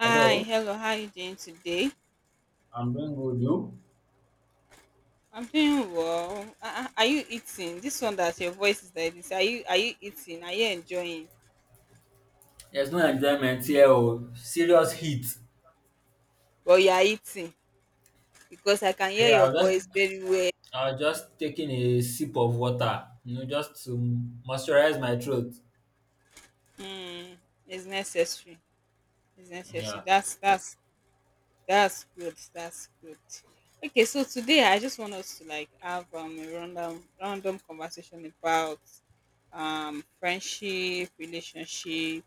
Hi, Hello, hello. How are you doing today? I'm doing good. You? I'm doing well. Are you eating? This one that your voice is like this. Are you eating? Are you enjoying? There's no enjoyment here, oh. Serious heat. Well, you are eating because I can hear Yeah, I your was voice just very well. I was just taking a sip of water, just to moisturize my throat. Mm, it's necessary. It's necessary. Yeah. That's good. That's good. Okay, so today I just want us to like have a random conversation about friendship, relationship,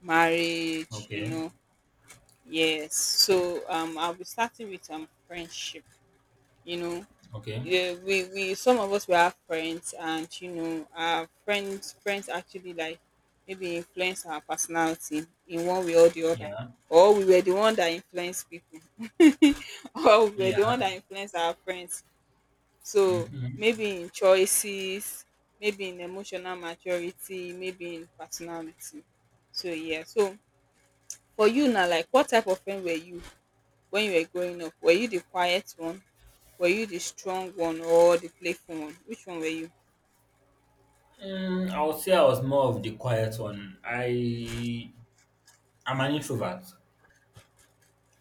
marriage, you Okay. know. Yes. So I'll be starting with friendship. You know, Okay. yeah, we some of us we have friends, and our friends actually like maybe influence our personality in one way or the other, Yeah. or we were the one that influenced people, or we were the one Yeah. that influenced our friends. So Mm-hmm. maybe in choices, maybe in emotional maturity, maybe in personality. So yeah. So for you now, like what type of friend were you when you were growing up? Were you the quiet one? Were you the strong one or the playful one? Which one were you? I would say I was more of the quiet one. I'm an introvert,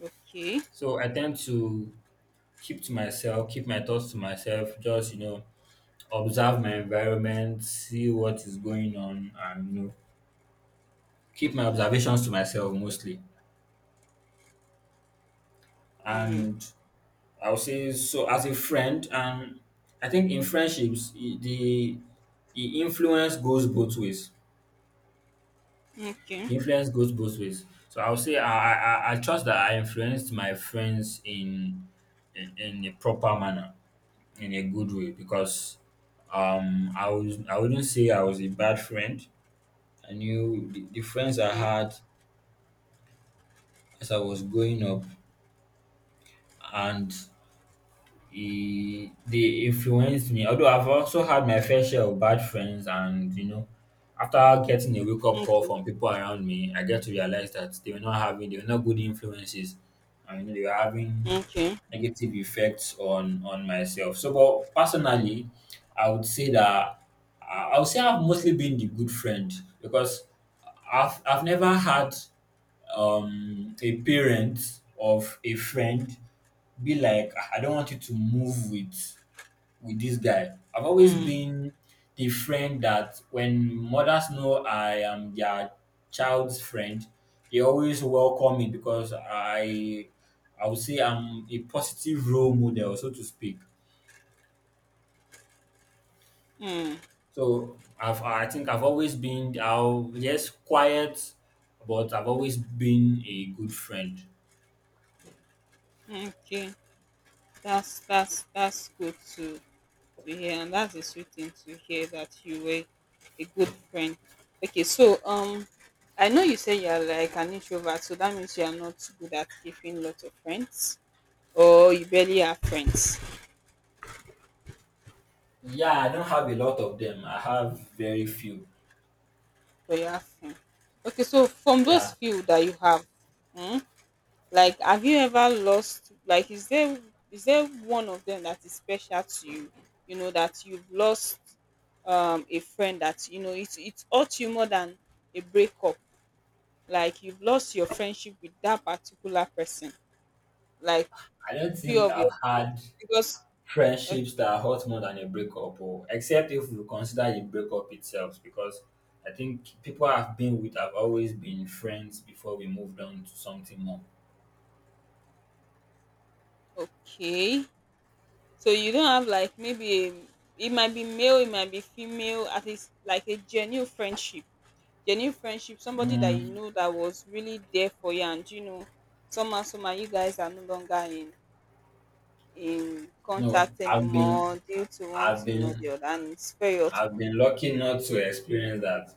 Okay. so I tend to keep to myself, keep my thoughts to myself. Just observe my environment, see what is going on, and keep my observations to myself mostly. Mm. And I would say so as a friend, and I think in friendships the influence goes both ways. Okay. The influence goes both ways. So I would say I trust that I influenced my friends in a proper manner, in a good way, because I wouldn't say I was a bad friend. I knew the friends I Okay. had as I was growing up, and He they influenced me. Although I've also had my fair share of bad friends, and after getting a wake-up call Okay. from people around me, I get to realize that they were not good influences, and they were having Okay. negative effects on myself. So but personally, I would say that I would say I've mostly been the good friend, because I've never had a parent of a friend be like, "Ah, I don't want you to move with this guy." I've always Mm. been the friend that when mothers know I am their child's friend, they always welcome me, because I would say I'm a positive role model, so to speak. Mm. So I think I've always been I'll yes quiet, but I've always been a good friend. Okay. That's good to hear, and that's a sweet thing to hear that you were a good friend. Okay. So I know you say you are like an introvert, so that means you are not good at keeping lots of friends, or you barely have friends. Yeah, I don't have a lot of them. I have very few. For your asking. Okay, so from those Yeah. few that you have, mm, like have you ever lost, like is there one of them that is special to you? You know, that you've lost a friend that you know it's hurt you more than a breakup. Like you've lost your friendship with that particular person. Like I don't few think of your, I've had because okay, friendships that hurt more than a breakup, or except if we consider the breakup itself, because I think people I've been with have always been friends before we moved on to something more. okay. So you don't have like maybe a, it might be male, it might be female, at least like a genuine friendship, somebody that you Mm, know that was really there for you, and you know somehow somehow you guys are no longer in no, contact anymore due to one I've thing or been the other, and it's very I've hurtful. been lucky not to experience that.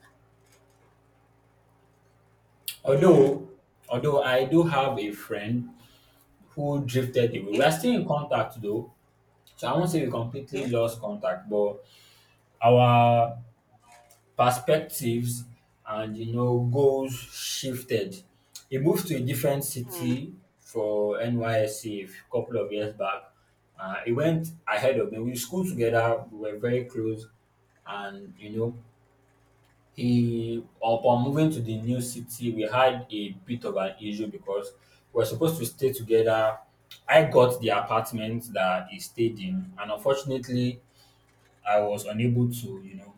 Mm, Although although I do have a friend who drifted away. We okay. are still in contact though. So I won't say we completely Okay. lost contact, but our perspectives and goals shifted. He moved to a different Mm, city for NYSC a couple of years back. He went ahead of me. We schooled together. We were very close, and you know he upon moving to the new city, we had a bit of an issue because we were supposed to stay together. I got the apartment that he stayed in, and unfortunately, I was unable to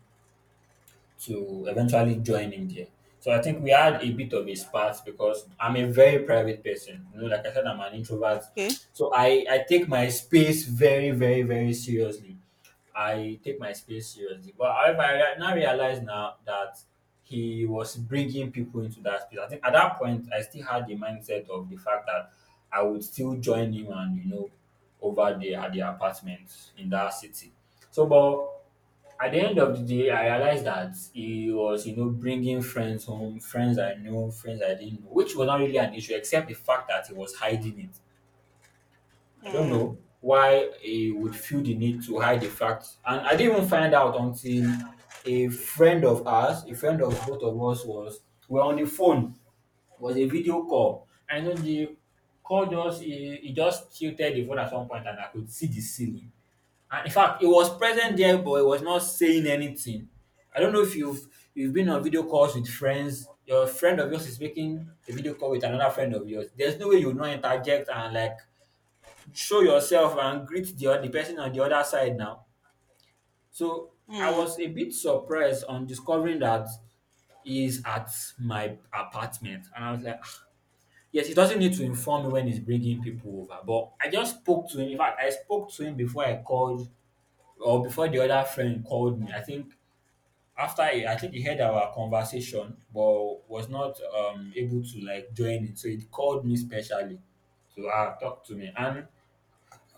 to eventually join him there. So I think we had a bit of a spat because I'm a very private person. You know, like I said, I'm an introvert. okay. So I take my space very, very, very seriously. I take my space seriously. But however, I now realize now that he was bringing people into that space. I think at that point, I still had the mindset of the fact that I would still join him and over there at the apartment in that city. So, but at the end of the day, I realized that he was bringing friends home, friends I know, friends I didn't know, which was not really an issue, except the fact that he was hiding it. I don't Mm, know why he would feel the need to hide the fact. And I didn't even find out until a friend of ours, a friend of both of us were on the phone, was a video call. I know the call just, he just tilted the phone at one point, and I could see the ceiling. And in fact, he was present mm, there, but he was not saying anything. I don't know if you've been on video calls with friends. Your friend of yours is making a video call with another friend of yours. There's no way you will not interject and like show yourself and greet the other person on the other side now. So I mm, was a bit surprised on discovering that he's at my apartment, and I was like, "Ah, yes, he doesn't need to inform me when he's bringing people over." But I just spoke to him. In fact, I spoke to him before I called, or before the other friend called me. I think I think he heard our conversation, but was not able to like join it. So he called me specially to talk to me. And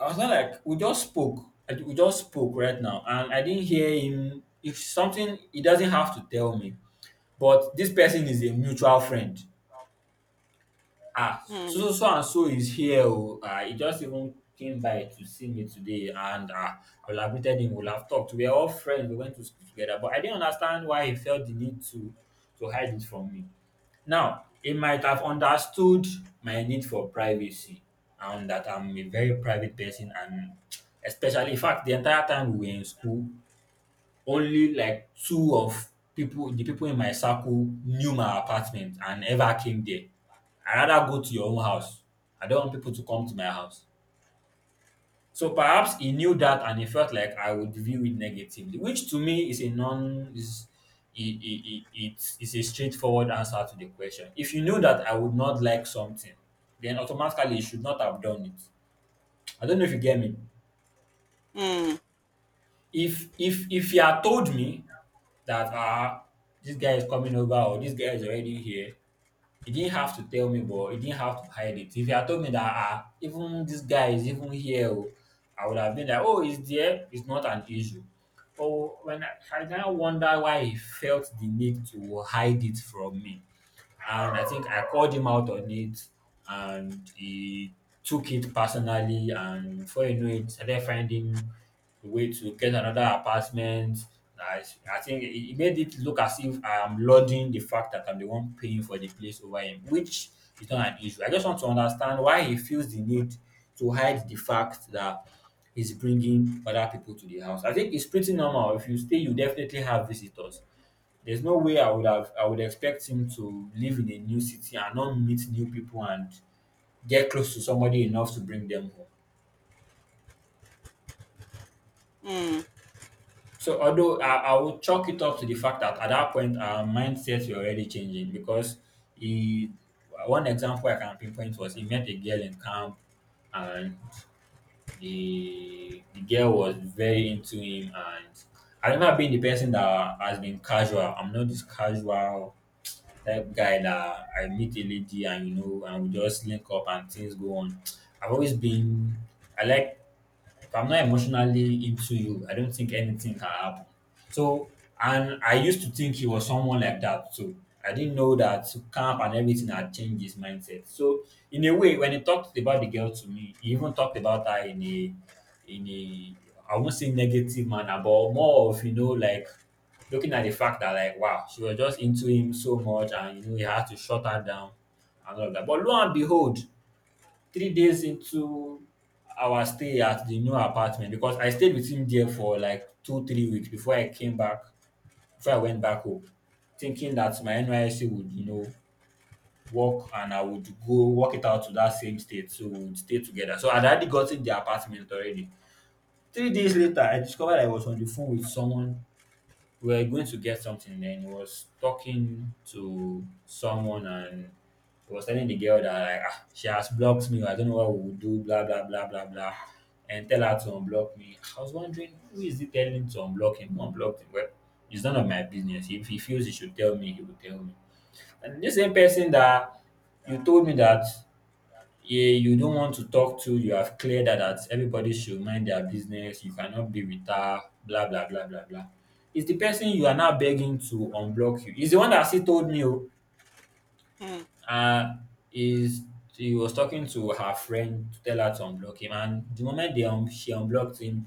I was not, like, we just spoke. We just spoke right now, and I didn't hear him. If something, he doesn't have to tell me. But this person is a mutual friend. Ah, so mm, so so and so is here oh. Ah, he just even came by to see me today, and I would have greeted him, we will have talked. We are all friends, we went to school together, but I didn't understand why he felt the need to hide it from me. Now, he might have understood my need for privacy, and that I'm a very private person, and especially in fact the entire time we were in school, only like two of people the people in my circle knew my apartment and ever came there. I rather go to your own house. I don't want people to come to my house. So perhaps he knew that, and he felt like I would view it negatively, which to me is a non is I- it's a straightforward answer to the question. If you knew that I would not like something, then automatically you should not have done it. I don't know if you get me. mm, If you had told me that this guy is coming over, or this guy is already here. He didn't have to tell me, but he didn't have to hide it. If he had told me that even this guy is even here, oh, I would have been like, oh, he's there. It's not an issue. But when I now wonder why he felt the need to hide it from me. And I think I called him out on it, and he took it personally. And before you know it, started finding a way to get another apartment. I, I think it made it look as if I am lauding the fact that I'm the one paying for the place over him, which is not an issue. I just want to understand why he feels the need to hide the fact that he's bringing other people to the house. I think it's pretty normal. If you stay, you definitely have visitors. There's no way I would expect him to live in a new city and not meet new people and get close to somebody enough to bring them home. mm, So although I would chalk it up to the fact that at that point our mindsets were already changing, because he one example I can pinpoint was he met a girl in camp, and the girl was very into him, and I remember being the person that has been casual. I'm not this casual type guy that I meet a lady and and we just link up and things go on. I've always been I like if I'm not emotionally into you, I don't think anything can happen. So, and I used to think he was someone like that too. I didn't know that camp and everything had changed his mindset. So, in a way, when he talked about the girl to me, he even talked about her in a, I won't say negative manner, but more of like looking at the fact that like, wow, she was just into him so much, and he had to shut her down and all of that. But lo and behold, 3 days into our stay at the new apartment, because I stayed with him there for like two, 3 weeks before I came back, before I went back home, thinking that my NYSC would work and I would go work it out to that same state. So we would stay together. So I'd already gotten the apartment already. 3 days later, I discovered I was on the phone with someone. We were going to get something, then he was talking to someone, and he was telling the girl that, like, ah, she has blocked me, I don't know what we will do, blah blah blah blah blah, and tell her to unblock me. I was wondering, who is he telling to unblock him? Who unblocked him? Well, it's none of my business. If he feels he should tell me, he will tell me. And this same person that you told me that, yeah, you don't want to talk to, you have cleared that, that everybody should mind their business, you cannot be with her, blah, blah, blah, blah, blah. It's the person you are now begging to unblock you. He's the one that still told me, oh, mm, uh is he was talking to her friend to tell her to unblock him, and the moment they she unblocked him,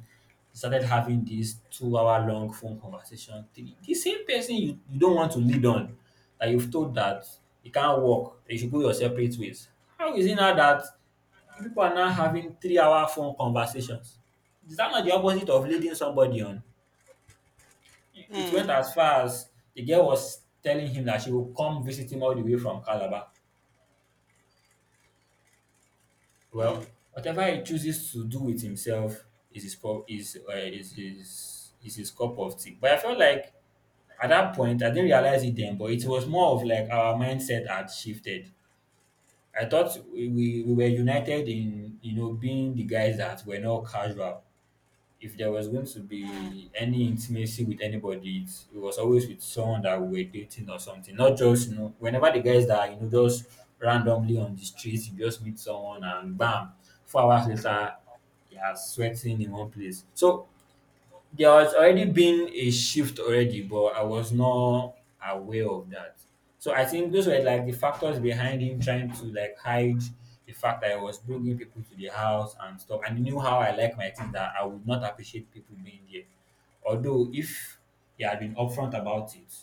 they started having this 2 hour long phone conversation. The same person you don't want to lead on, that you've told that you can't work, you should go your separate ways, how is it now that you people are now having 3 hour phone conversations? Is that not the opposite of leading somebody on? It mm, went as far as the girl was telling him that she will come visit him all the way from Calabar. mm, Well, whatever he chooses to do with himself is his prob- is his cup of tea. But I felt like, at that point, I didn't realize it then, but it was more of like our mindset had shifted. I thought we were united in, you know, being the guys that were not casual. If there was going to mm, be any intimacy with anybody, it was always with someone that we were dating or something. Not just, you know, whenever the guys that, you know, just randomly on the streets, you just meet someone and bam, 4 hours later, you are sweating in one place. So there was already been a shift already, but I was not aware of that. So I think those were like the factors behind him trying to like hide the fact that I was bringing people to the house and stuff. And he knew how I like my things, that I would not appreciate people being there. Although if he had been upfront about it,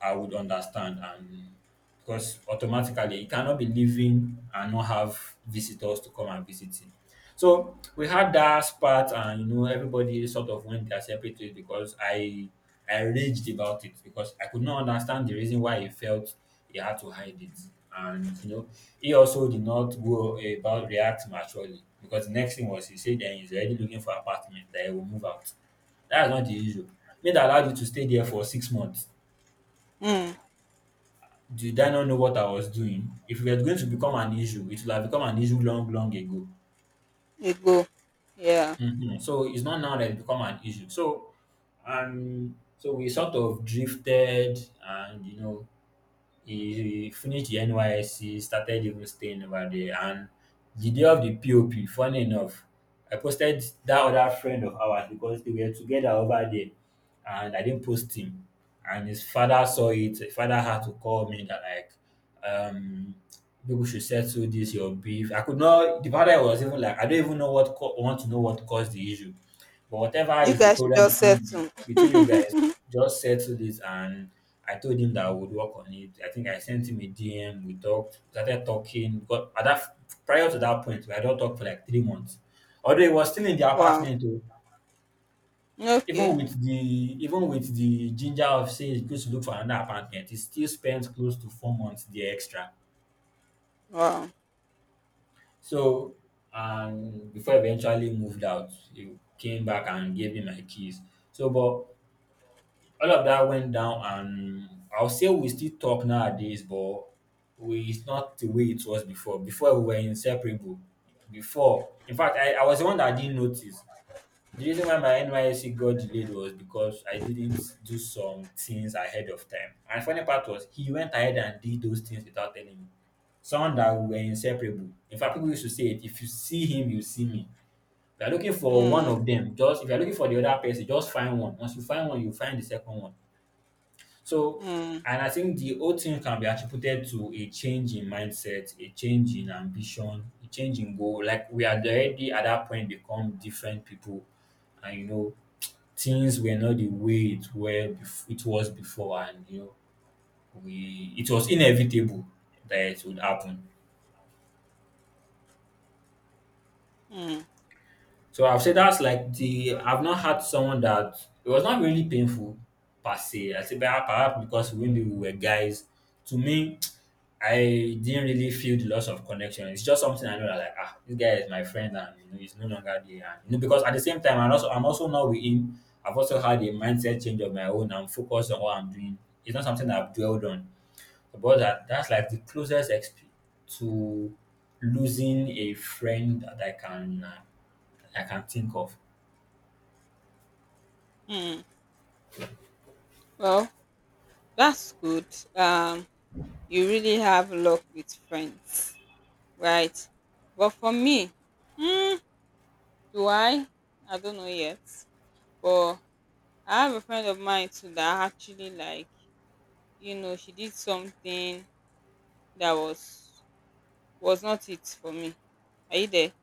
I would understand, and because automatically he cannot be leaving and not have visitors to come and visit him. So we had that spat, and you know, everybody sort of went their separate ways because I raged about it, because I could not understand the reason why he felt he had to hide it. And you know, he also did not go about react maturely, because the next thing was he said that he's already looking for apartment that he will move out. That's not the issue. Me that allowed you to stay there for 6 months, mm. did I not know what I was doing? If it was going to become an issue, it would have become an issue long, long ago. You go. Yeah. Hmm. So it's not now that it's become an issue. So and so we sort of drifted, and you know, he finished the NYSC, started even staying over there. And the day of the POP, funny enough, I posted that other friend of ours because they were together over there, and I didn't post him. And his father saw it. His father had to call me that like, um people should settle this your beef. I could not, the father was even like, I don't even know what want to know what caused the issue. But whatever You is the guys should problem just between the, settle. between you guys, just settled it. And I told him that I would work on it. I think I sent him a DM. We talked, started talking. Got at that, prior to that point, we had not talked for like 3 months. Although he was still in the Wow. apartment, oh, Okay. even with the even with the ginger of say he goes to look for another apartment, he still spent close to 4 months there extra. Wow. So and before I eventually moved out, he came back and gave me my keys. So, but all of that went down. And I'll say we still talk nowadays, but we it's not the way it was before. Before, we were inseparable. Before, in fact, I was the one that didn't notice. The reason why my NYSC got delayed was because I didn't do some things ahead of time. And funny part was he went ahead and did those things without telling me. Someone that we were inseparable. In fact, people used to say it. If you see him, you see me. If you're looking for one Mm, of them, just if you're looking for the other person, just find one. Once you find one, you find the second one. So, mm, and I think the whole thing can be attributed to a change in mindset, a change in ambition, a change in goal. Like we had already at that point become different people, and you know, things were not the way it it was before, and you know, we it was inevitable that it would happen. mm, So I've said that's like the, I've not had someone that it was not really painful per se. I say perhaps because when we were guys, to me, I didn't really feel the loss of connection. It's just something I know, that like, ah, this guy is my friend, and you know, he's no longer there. And, you know, because at the same time I'm also not with him. I've also had a mindset change of my own. I'm focused on what I'm doing. It's not something I've dwelled on. But that's like the closest to losing a friend that I can, I can think of. mm. Well, that's good. Um, you really have luck with friends, right? But for me, mm, do I? I don't know yet. But I have a friend of mine too that actually like she did something that was not it for me. Are you there?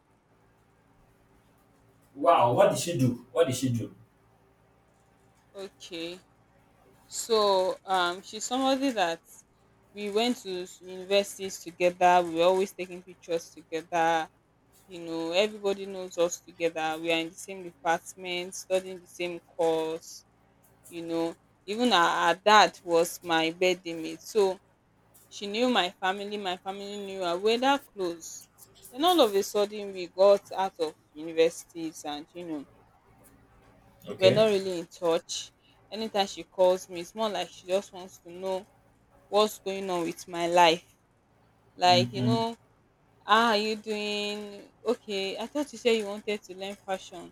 Wow, what did she do? What did she do? Okay. So she's somebody that we went to universities together. We were always taking pictures together, you know, everybody knows us together, we are in the same department studying the same course, you know even our dad was my birthday mate, so she knew my family knew her, we that close. Then all of a sudden we got out of universities and we're not Okay. really in touch. Anytime she calls me, it's more like she just wants to know what's going on with my life, like, Mm-hmm. How are you doing, okay, I thought you said you wanted to learn fashion.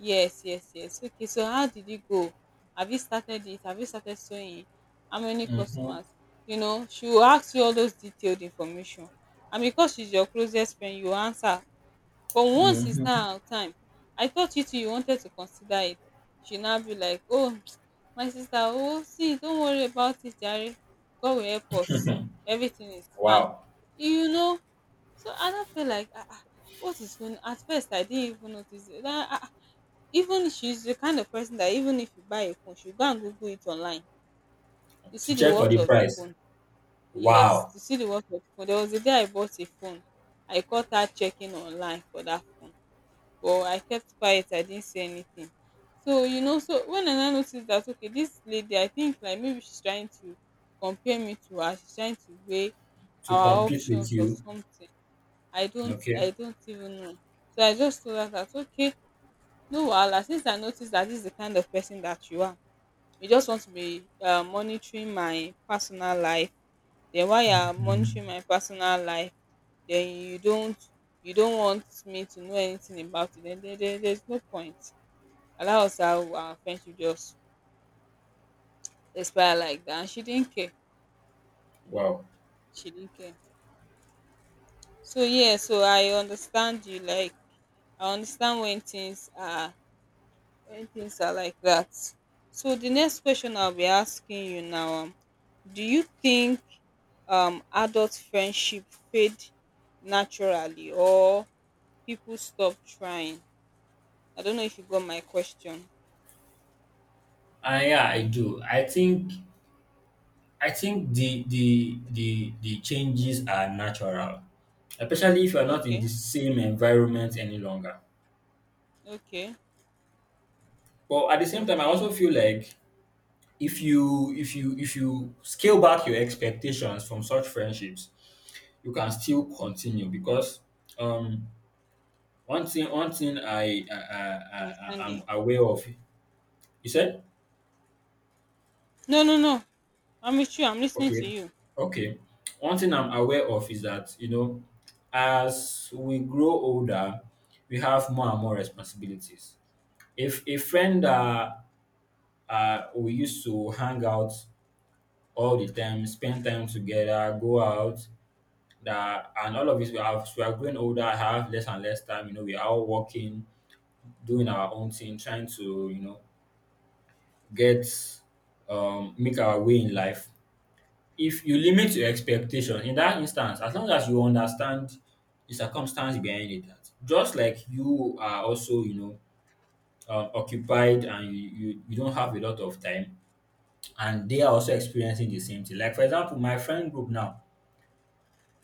Yes, yes, yes. Okay, so how did it go? Have you started it? Have you started sewing? How many Mm-hmm. customers? You know, she will ask you all those detailed information. And because she's your closest friend, you answer. But once it's now Mm-hmm. our time, I thought you too, you wanted to consider it. She now be like, oh, my sister, oh, see, don't worry about it, Jerry. God will help us. Everything is fine. Wow. You know, so I don't feel like, what is going— At first, I didn't even notice it. Even she's the kind of person that even if you buy a phone, she'll go and Google it online to To see the check for worth the of the price. phone. Yes, Wow. to see the worth of the phone. There was a day I bought a phone. I caught her checking online for that phone, but I kept quiet. I didn't say anything. So when I now noticed that okay, this lady, I think like maybe she's trying to compare me to her. She's trying to weigh To our compete with options or you. something. I don't, Okay. I don't even know. So I just told her that okay, no wahala. Since I noticed that this is the kind of person that you are, you just want to be monitoring my personal life. Then while you are Mm. monitoring my personal life, then you don't want me to know anything about it. Then there's no point. Allow us our friendship just expire like that. And she didn't care. Wow. She didn't care. So yeah, so I understand you. Like I understand when things are like that. So the next question I'll be asking you now. Do you think adult friendship fade naturally or people stop trying? I don't know if you got my question. Yeah, I do. I think, I think the the changes are natural, especially if you are not in the Okay. same environment any longer. Okay, But at the same time, I okay, also feel like if you scale back your expectations from such friendships, you can still continue because, um one thing, one thing I, understand I you. am aware of. You said No, no, no, I'm with you, I'm listening to okay, you. okay. One thing I'm aware of is that, you know, as we grow older, we have more and more responsibilities. If a friend that, we used to hang out all the time, spend time together, go out, that and all of this, we are growing older, have less and less time. You know, we are all working, doing our own thing, trying to, you know, get, make our way in life. If you limit your expectation in that instance, as long as you understand the circumstance behind it, that just like you are also, you know, occupied, and you don't have a lot of time, and they are also experiencing the same thing. Like for example, my friend group now,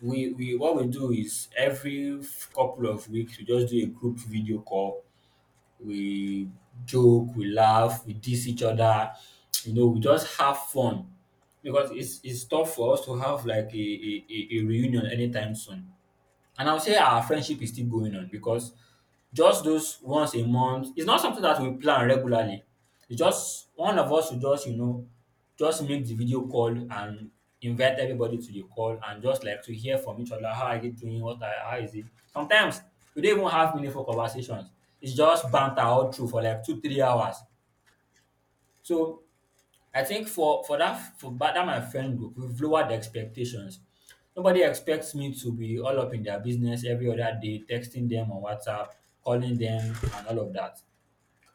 we what we do is every couple of weeks we just do a group video call. We joke, we laugh, we diss each other. You know, we just have fun because it's tough for us to have like a reunion anytime soon. And I'll say our friendship is still going on because just those once a month. It's not something that we plan regularly. It's just one of us will just, you know, just make the video call and invite everybody to the call, and just like to hear from each other. How are you doing? What are, how is it? Sometimes we don't even have meaningful conversations. It's just banter all through for like two, 3 hours. So I think for that my friend group, we've lowered the expectations. Nobody expects me to be all up in their business every other day, texting them on WhatsApp, calling them, and all of that.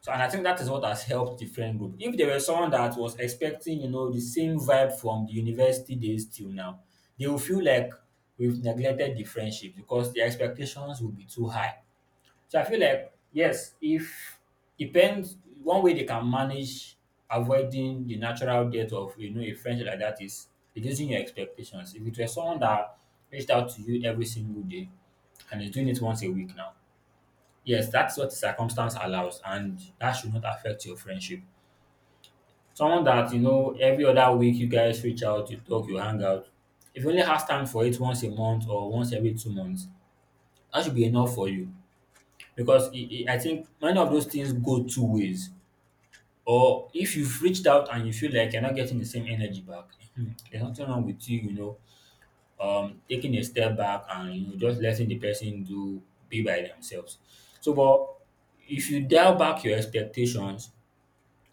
So, and I think that is what has helped the friend group. If there were someone that was expecting, you know, the same vibe from the university days till now, they will feel like we've neglected the friendship because the expectations will be too high. So I feel like, yes, if depends, one way they can manage avoiding the natural death of, you know, a friendship like that, is reducing your expectations. If it were someone that reached out to you every single day and is doing it once a week now, yes, that's what the circumstance allows, and that should not affect your friendship. Someone that you know every other week you guys reach out, you talk, you hang out. If you only have time for it once a month or once every 2 months, that should be enough for you, because I think many of those things go two ways. Or if you've reached out and you feel like you're not getting the same energy back, there's nothing wrong with you taking a step back and just letting the person do be by themselves. So but if you dial back your expectations,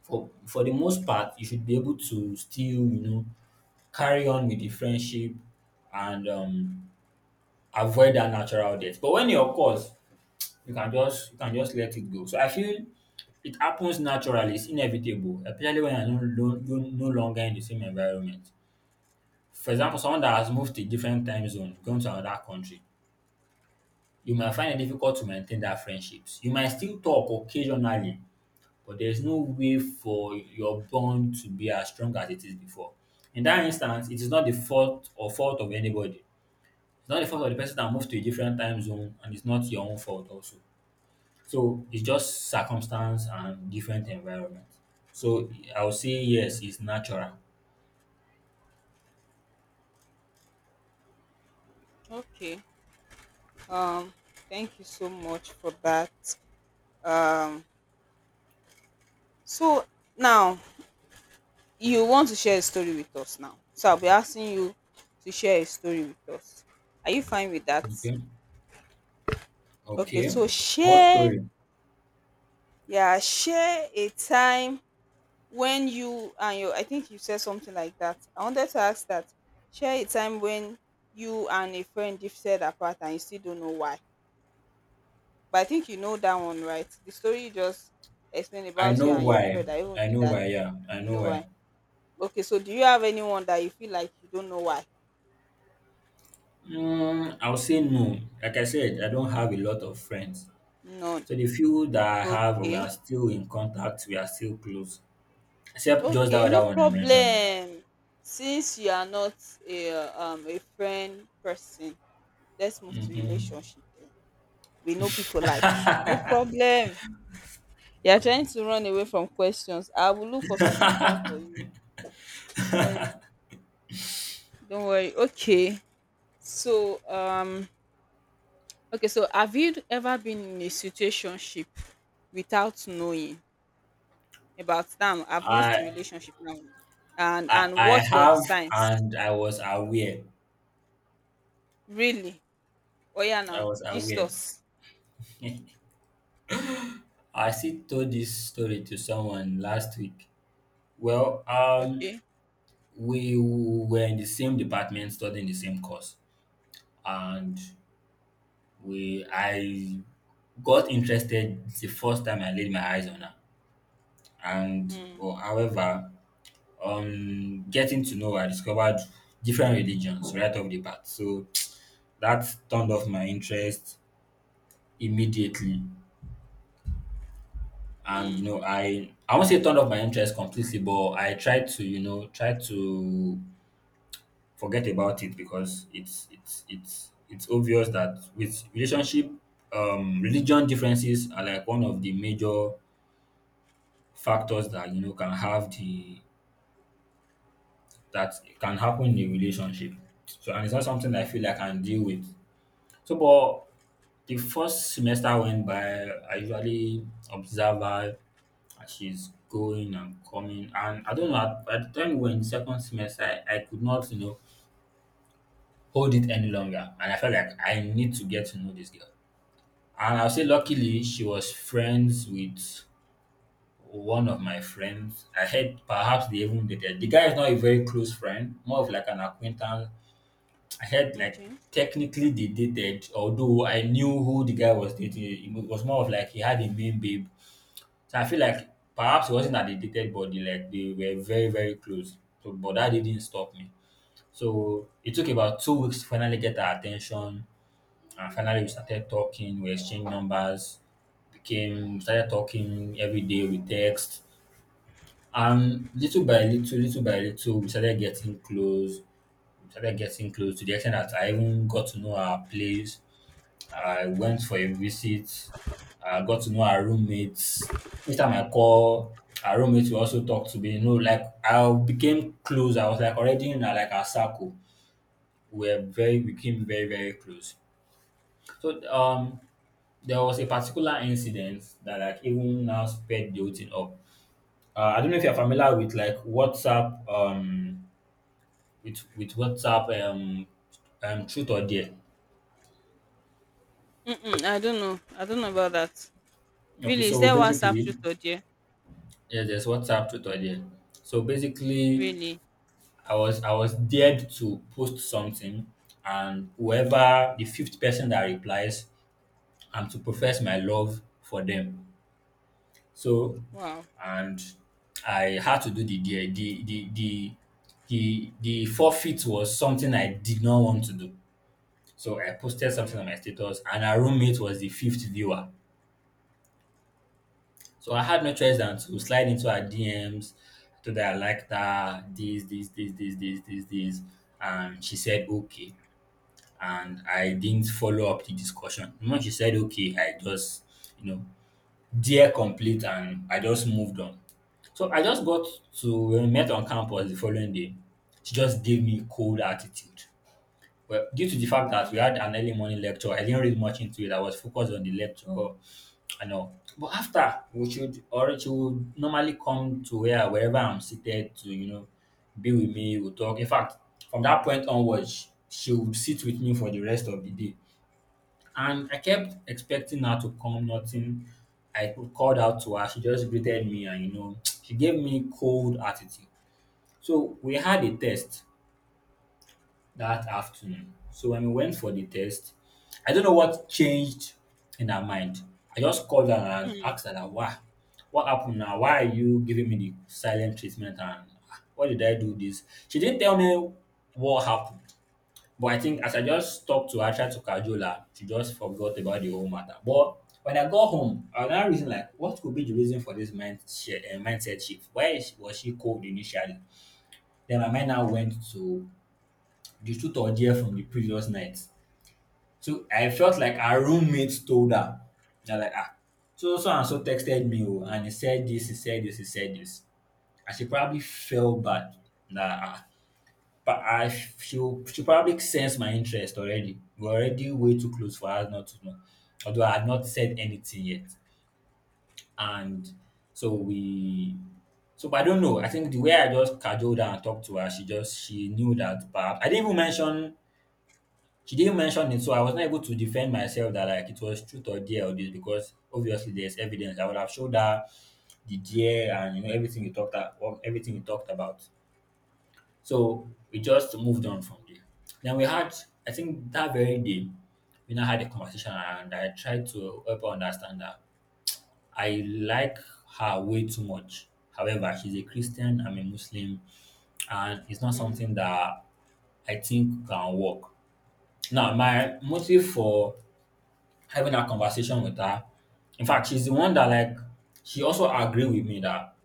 for the most part you should be able to still, carry on with the friendship and avoid that natural death. But when e occurs, you can just let it go. So I feel it happens naturally, it's inevitable, especially when you're no longer in the same environment. For example, someone that has moved to a different time zone, going to another country, you might find it difficult to maintain that friendships. You might still talk occasionally, but there's no way for your bond to be as strong as it is before. In that instance, it is not the fault or fault of anybody. It's not the fault of the person that moved to a different time zone, and it's not your own fault also. So it's just circumstance and different environment. So I'll say yes, it's natural. Okay. um Thank you so much for that. Um so now you want to share a story with us. Now, so I'll be asking you to share a story with us. Are you fine with that? Okay. Okay, Okay. so What share. story? Yeah, share a time when you and your— I think you said something like that. I wanted to ask that. Share a time when you and a friend drifted apart and you still don't know why. But I think you know that one, right? The story you just explained I about you know and your why. friend. I even I did know that. why, yeah. I You know know why. why? Okay, so do you have anyone that you feel like you don't know why? Mm, I'll say no. Like I said, I don't have a lot of friends. None. So the few that I have, we are Okay. still in contact, we are still close. Except just that Okay, no other one I mentioned. problem. Since you are not a friend person, let's move to Mm-hmm. relationship then. We know people like you. No problem. You're trying to run away from questions. I will look for something to find for you. Don't worry. Don't worry. Okay. So, um, okay. So, have you ever been in a situationship without knowing about them? I've moved I, to relationship now, and I and I what were the have signs? and I was aware. Really? Oh yeah, I now was aware. Jesus. I still told this story to someone last week. Well, Okay. we were in the same department studying the same course, and we I got interested the first time I laid my eyes on her. And Mm, well, however, getting to know her, I discovered different religions right off the bat. So that turned off my interest immediately. And you mm, know, I won't say turned off my interest completely, but I tried to, try to forget about it because it's obvious that with relationship religion differences are like one of the major factors that can have the that can happen in a relationship. So and it's not something I feel I can deal with. So but the first semester went by. I usually observe her as she's going and coming, and I don't know by the time we were in second semester, I could not, hold it any longer, and I felt like I need to get to know this girl. And I'll say luckily she was friends with one of my friends. I heard perhaps they even dated. The guy is not a very close friend, more of like an acquaintance. I heard like okay. technically they dated, although I knew who the guy was dating. It was more of like he had a main babe. So I feel like perhaps it wasn't that they dated, but they like they were very, very close. So but that didn't stop me. So it took about 2 weeks to finally get her attention. And finally we started talking, we exchanged numbers, came, started talking every day. We text, and little by little, we started getting close. We started getting close to the extent that I even got to know her place. I went for a visit. I got to know her roommates. Each time I call, her roommates will also talk to me. You know, like I became close. I was like already in a like a circle. We were very, we became very, very close. So there was a particular incident that like even now sped the whole thing up. I don't know if you're familiar with like WhatsApp, with WhatsApp, Truth or Dare. Mm-mm, I don't know. I don't know about that. Okay, Really, is so there WhatsApp basically, truth or dear? yeah, there's WhatsApp Truth or Dare. So basically, Really? I was dared to post something, and whoever the fifth person that replies, I'm to profess my love for them. So Wow. and I had to do the dare. The forfeit was something I did not want to do. So I posted something Mm, on my status, and her roommate was the fifth viewer. So I had no choice than to slide into her DMs, told her I liked her, this, this, this, this, this, this, this. And she said, okay. And I didn't follow up the discussion. When she said, okay, I just, you know, dear complete, and I just moved on. So I just got to, when we met on campus the following day, she just gave me cold attitude. Well, due to the fact that we mhm, had an early morning lecture, I didn't read much into it. I was focused on the lecture and all. But after, we should or she would normally come to where wherever I'm seated to, you know, be with me, we'll talk. In fact, from that point onwards, she would sit with me for the rest of the day. And I kept expecting her to come, nothing. I called out to her, she just greeted me and you know, she gave me cold attitude. So we had a test that afternoon. So when we went for the test, I don't know what changed in her mind. I just called her and mhm. asked her, that, why? What happened now? Why are you giving me the silent treatment? And ah, why did I do this? She didn't tell me what happened. But I think as I just talked to her, tried to cajole her, she just forgot about the whole matter. But when I got home, I was now reason like, what could be the reason for this mindset shift? Was she cold initially? Then my mind now went to the truth or dare from the previous night. So I felt like our roommates told her. They're like, ah, so so and so texted me oh, and he said this, he said this, he said this. And she probably felt bad. Nah, ah, but I she probably sensed my interest already. We're already way too close for us not to know. Although I had not said anything yet. And so we so but I don't know. I think the way I just cajoled her and talked to her, she knew that perhaps I didn't even mention. She didn't mention it, so I was not able to defend myself that like it was truth or dare or this because obviously there's evidence. I would have showed her the dare and you know everything you talked about, everything you talked about. So we just moved on from there. Then we had, I think that very day, we now had a conversation and I tried to help her understand that I like her way too much. However, she's a Christian, I'm a Muslim, and it's not something that I think can work. Now, my motive for having a conversation with her. In fact, she's the one that like she also agreed with me that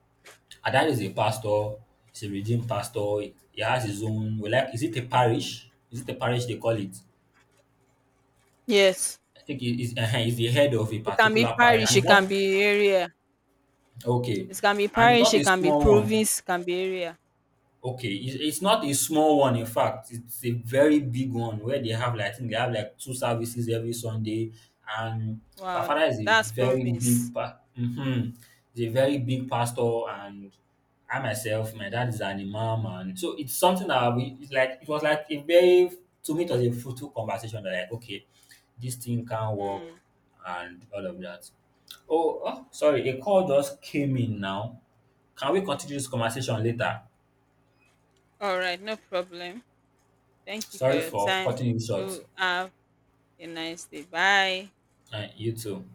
her dad is a pastor, he's a redeemed pastor. He has his own. We like, is it a parish? Is it a parish they call it? Yes. I think he's, he's the head of a It can be particular parish, parish, and it's it can not be area. okay, It can be and it's not parish, it a can be small one. province, it can be area. Okay, it's not a small one, in fact, it's a very big one where they have like I think they have like 2 services every Sunday. And so our Wow, father is a that's very big province. pa, mhm, he's a very big pastor. And I myself, my dad is an imam, and so it's something that we, it's like it was like a very, to me it was a fruitful conversation that like, okay, this thing can work Mm. and all of that. Oh, oh, sorry, a call just came in now. Can we continue this conversation later? All right, no problem. Thank you for Sorry your for time. cutting you short, Do have a nice day. Bye. and you too.